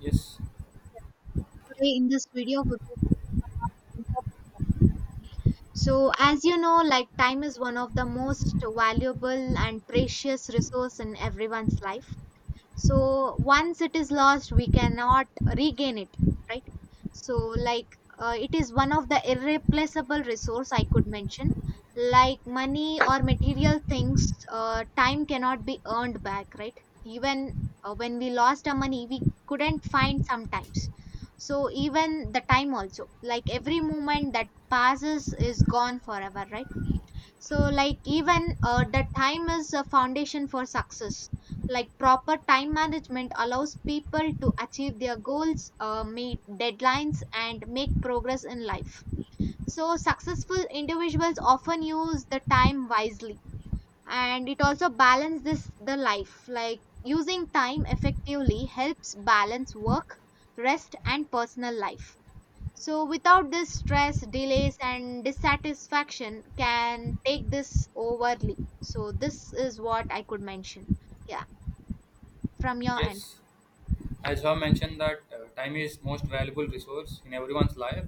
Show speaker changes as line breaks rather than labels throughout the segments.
Yes,
Today in this video we will speak about the importance. So as you know, like, time is one of the most valuable and precious resource in everyone's life. So once it is lost, we cannot regain it, right? So like it is one of the irreplaceable resource I could mention. Like money or material things, time cannot be earned back, right? Even when we lost our money, we couldn't find sometimes. So even the time also, like every moment that passes is gone forever, right? So like even the time is a foundation for success. Like proper time management allows people to achieve their goals, meet deadlines and make progress in life. So successful individuals often use the time wisely, and it also balances this the life. Like using time effectively helps balance work, rest and personal life. So, without this, stress, delays, and dissatisfaction can take this overly. So, this is what I could mention. Yeah, from your end.
yes. As you have mentioned that time is most valuable resource in everyone's life.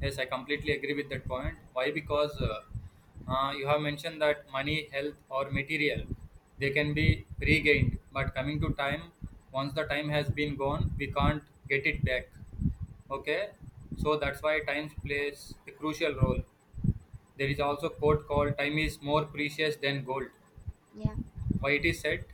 Yes, I completely agree with that point. Why? Because you have mentioned that money, health, or material they can be regained, but coming to time, once the time has been gone, we can't get it back. Okay, so that's why time plays a crucial role. There is also quote called "Time is more precious than gold."
Yeah.
Why it is said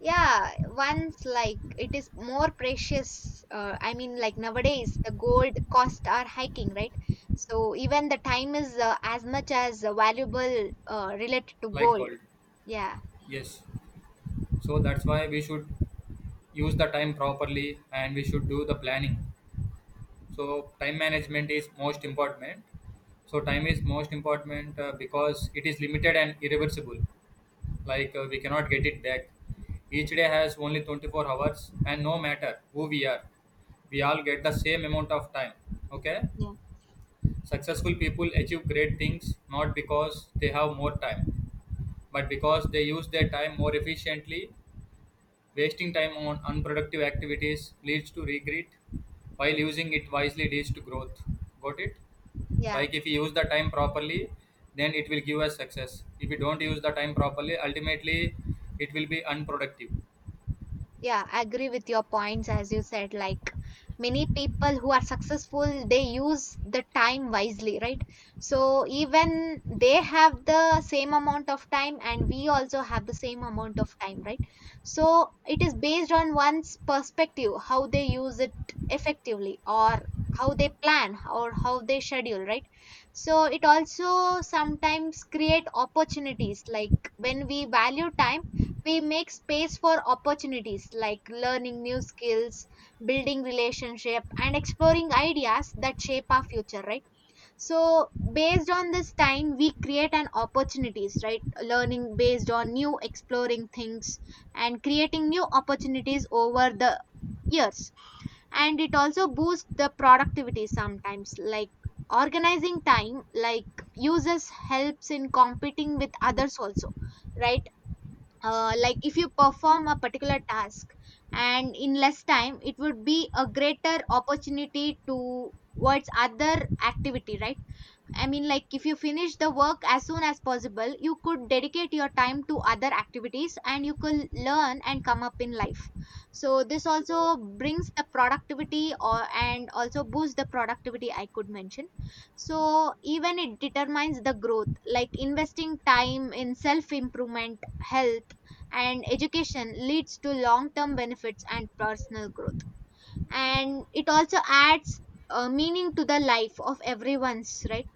Yeah. Once, like, it is more precious. I mean, like, nowadays the gold costs are hiking, right? So even the time is as much as valuable related to
like
gold.
gold?
Yeah.
Yes. So that's why we should use the time properly and we should do the planning. So time management is most important. So time is most important because it is limited and irreversible. Like we cannot get it back. Each day has only 24 hours and no matter who we are, we all get the same amount of time. Okay.
Yeah.
Successful people achieve great things not because they have more time, but because they use their time more efficiently. Wasting time on unproductive activities leads to regret, while using it wisely leads to growth. Got it?
Yeah.
Like if you use the time properly, then it will give us success. If you don't use the time properly, ultimately it will be unproductive.
Yeah, I agree with your points, as you said. Like, many people who are successful, they use the time wisely, right? So even they have the same amount of time, and we also have the same amount of time, right? So it is based on one's perspective, how they use it effectively, or how they plan, or how they schedule, right? So it also sometimes create opportunities, like, when we value time, we make space for opportunities like learning new skills, building relationship and exploring ideas that shape our future, right? So based on this time we create an opportunities, right? Learning based on new exploring things, and creating new opportunities over the years. And it also boosts the productivity sometimes, like organizing time, like uses helps in competing with others also, right? Like if you perform a particular task and in less time, it would be a greater opportunity towards other activity, right? I mean, like, if you finish the work as soon as possible, you could dedicate your time to other activities and you could learn and come up in life. So this also brings the productivity or and also boosts the productivity, I could mention. So even it determines the growth, like investing time in self-improvement, health, and education leads to long-term benefits and personal growth. And it also adds meaning to the life of everyone's, right?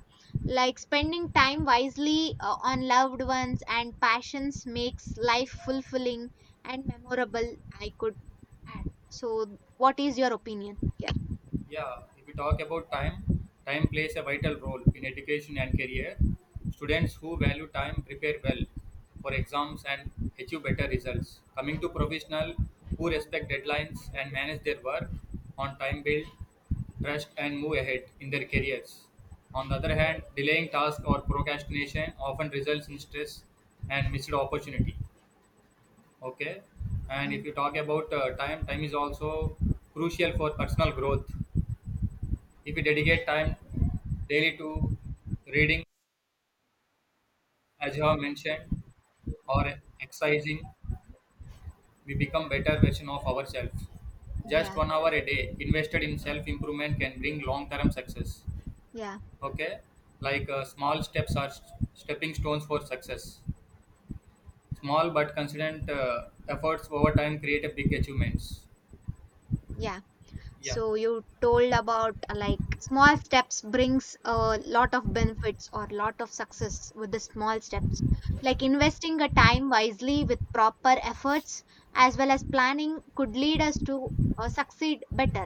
Like spending time wisely on loved ones and passions makes life fulfilling and memorable, I could add. So what is your opinion? Yeah.
Yeah, if we talk about time, time plays a vital role in education and career. Students who value time prepare well for exams and achieve better results. Coming to professional who respect deadlines and manage their work on time build trust and move ahead in their careers. On the other hand, delaying tasks or procrastination often results in stress and missed opportunity. Okay, and if
Mm,
you talk about time, time is also crucial for personal growth. If we dedicate time daily to reading, as you have mentioned, or exercising, we become better version of ourselves. Just
yeah.
1 hour a day invested in self improvement can bring long term success.
Yeah.
Okay, like small steps are stepping stones for success. Small but consistent efforts over time create a big achievements.
Yeah.
Yeah.
So you told about like small steps brings a lot of benefits or lot of success with the small steps, like investing a time wisely with proper efforts as well as planning could lead us to succeed better.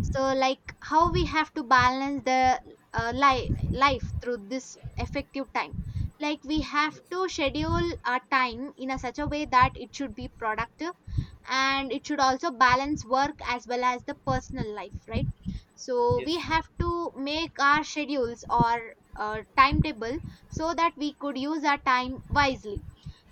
So like, how we have to balance the life through this effective time. Like we have
Yes.
to schedule our time in a such a way that it should be productive, and it should also balance work as well as the personal life, right? So we
Yes.
have to make our schedules or timetable, so that we could use our time wisely.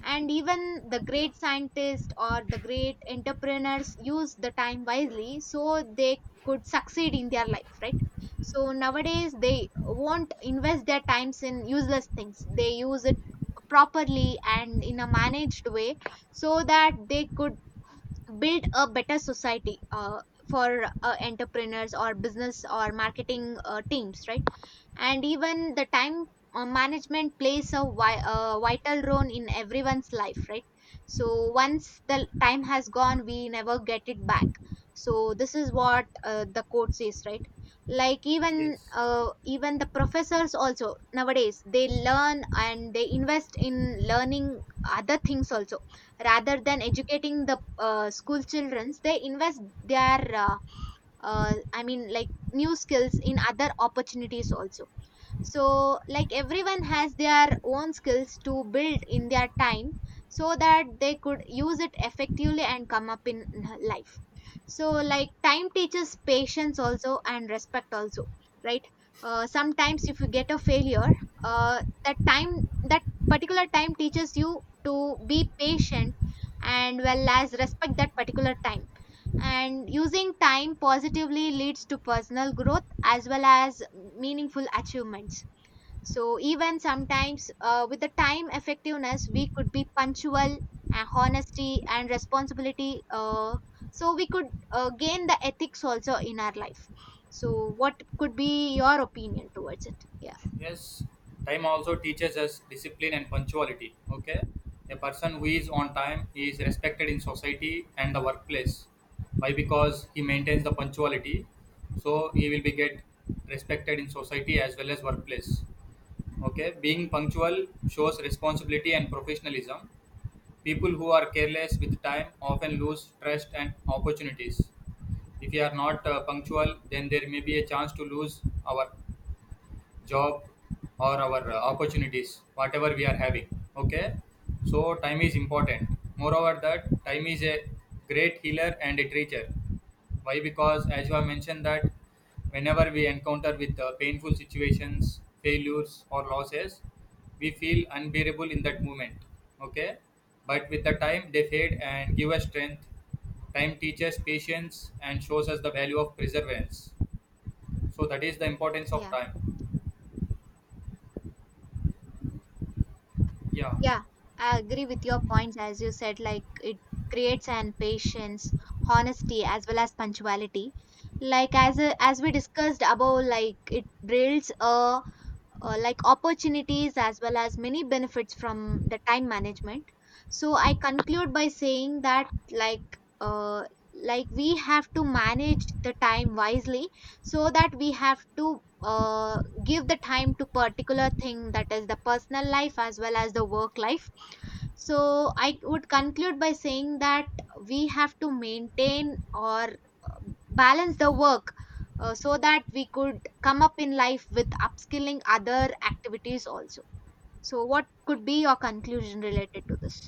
And even the great scientists or the great entrepreneurs use the time wisely, so they could succeed in their life, right? So nowadays they won't invest their times in useless things, they use it properly and in a managed way, so that they could build a better society for entrepreneurs or business or marketing teams, right? And even the time management plays a vital role in everyone's life, right? So once the time has gone, we never get it back. So this is what the quote says, right? Like even
Yes.
even the professors also nowadays, they learn and they invest in learning other things also, rather than educating the school childrens. They invest their I mean, like, new skills in other opportunities also. So like everyone has their own skills to build in their time, so that they could use it effectively and come up in life. So like, time teaches patience also and respect also, right? Sometimes if you get a failure, that time, that particular time teaches you to be patient and well as respect that particular time. And using time positively leads to personal growth as well as meaningful achievements. So even sometimes with the time effectiveness, we could be punctual, honesty, and responsibility. So we could gain the ethics also in our life. So what could be your opinion towards it? Yeah,
Yes, time also teaches us discipline and punctuality. Okay, a person who is on time is respected in society and the workplace. Why? Because he maintains the punctuality, so he will be get respected in society as well as workplace. Okay, being punctual shows responsibility and professionalism. People who are careless with time often lose trust and opportunities. If you are not punctual, then there may be a chance to lose our job or our opportunities whatever we are having. Okay, so time is important. Moreover that time is a great healer and a teacher. Why? Because as you have mentioned that whenever we encounter with painful situations, failures or losses, we feel unbearable in that moment. Okay, but with the time they fade and give us strength. Time teaches patience and shows us the value of perseverance. So that is the importance of
yeah.
time. Yeah.
Yeah, I agree with your points. As you said, like, it creates an patience, honesty, as well as punctuality. Like as we discussed above, like it builds a like opportunities as well as many benefits from the time management. So I conclude by saying that, like, uh, like, we have to manage the time wisely, so that we have to give the time to particular thing, that is the personal life as well as the work life. So I would conclude by saying that we have to maintain or balance the work, so that we could come up in life with upskilling other activities also. So what could be your conclusion related to this?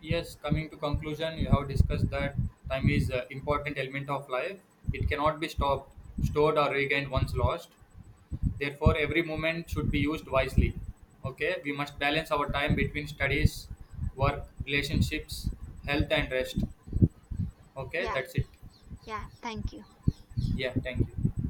Yes, coming to conclusion, you have discussed that time is an important element of life. It cannot be stopped, stored, or regained once lost. Therefore, every moment should be used wisely. Okay, we must balance our time between studies, work, relationships, health, and rest. Okay,
Yeah.
that's it.
Yeah, thank you.
Yeah, thank you.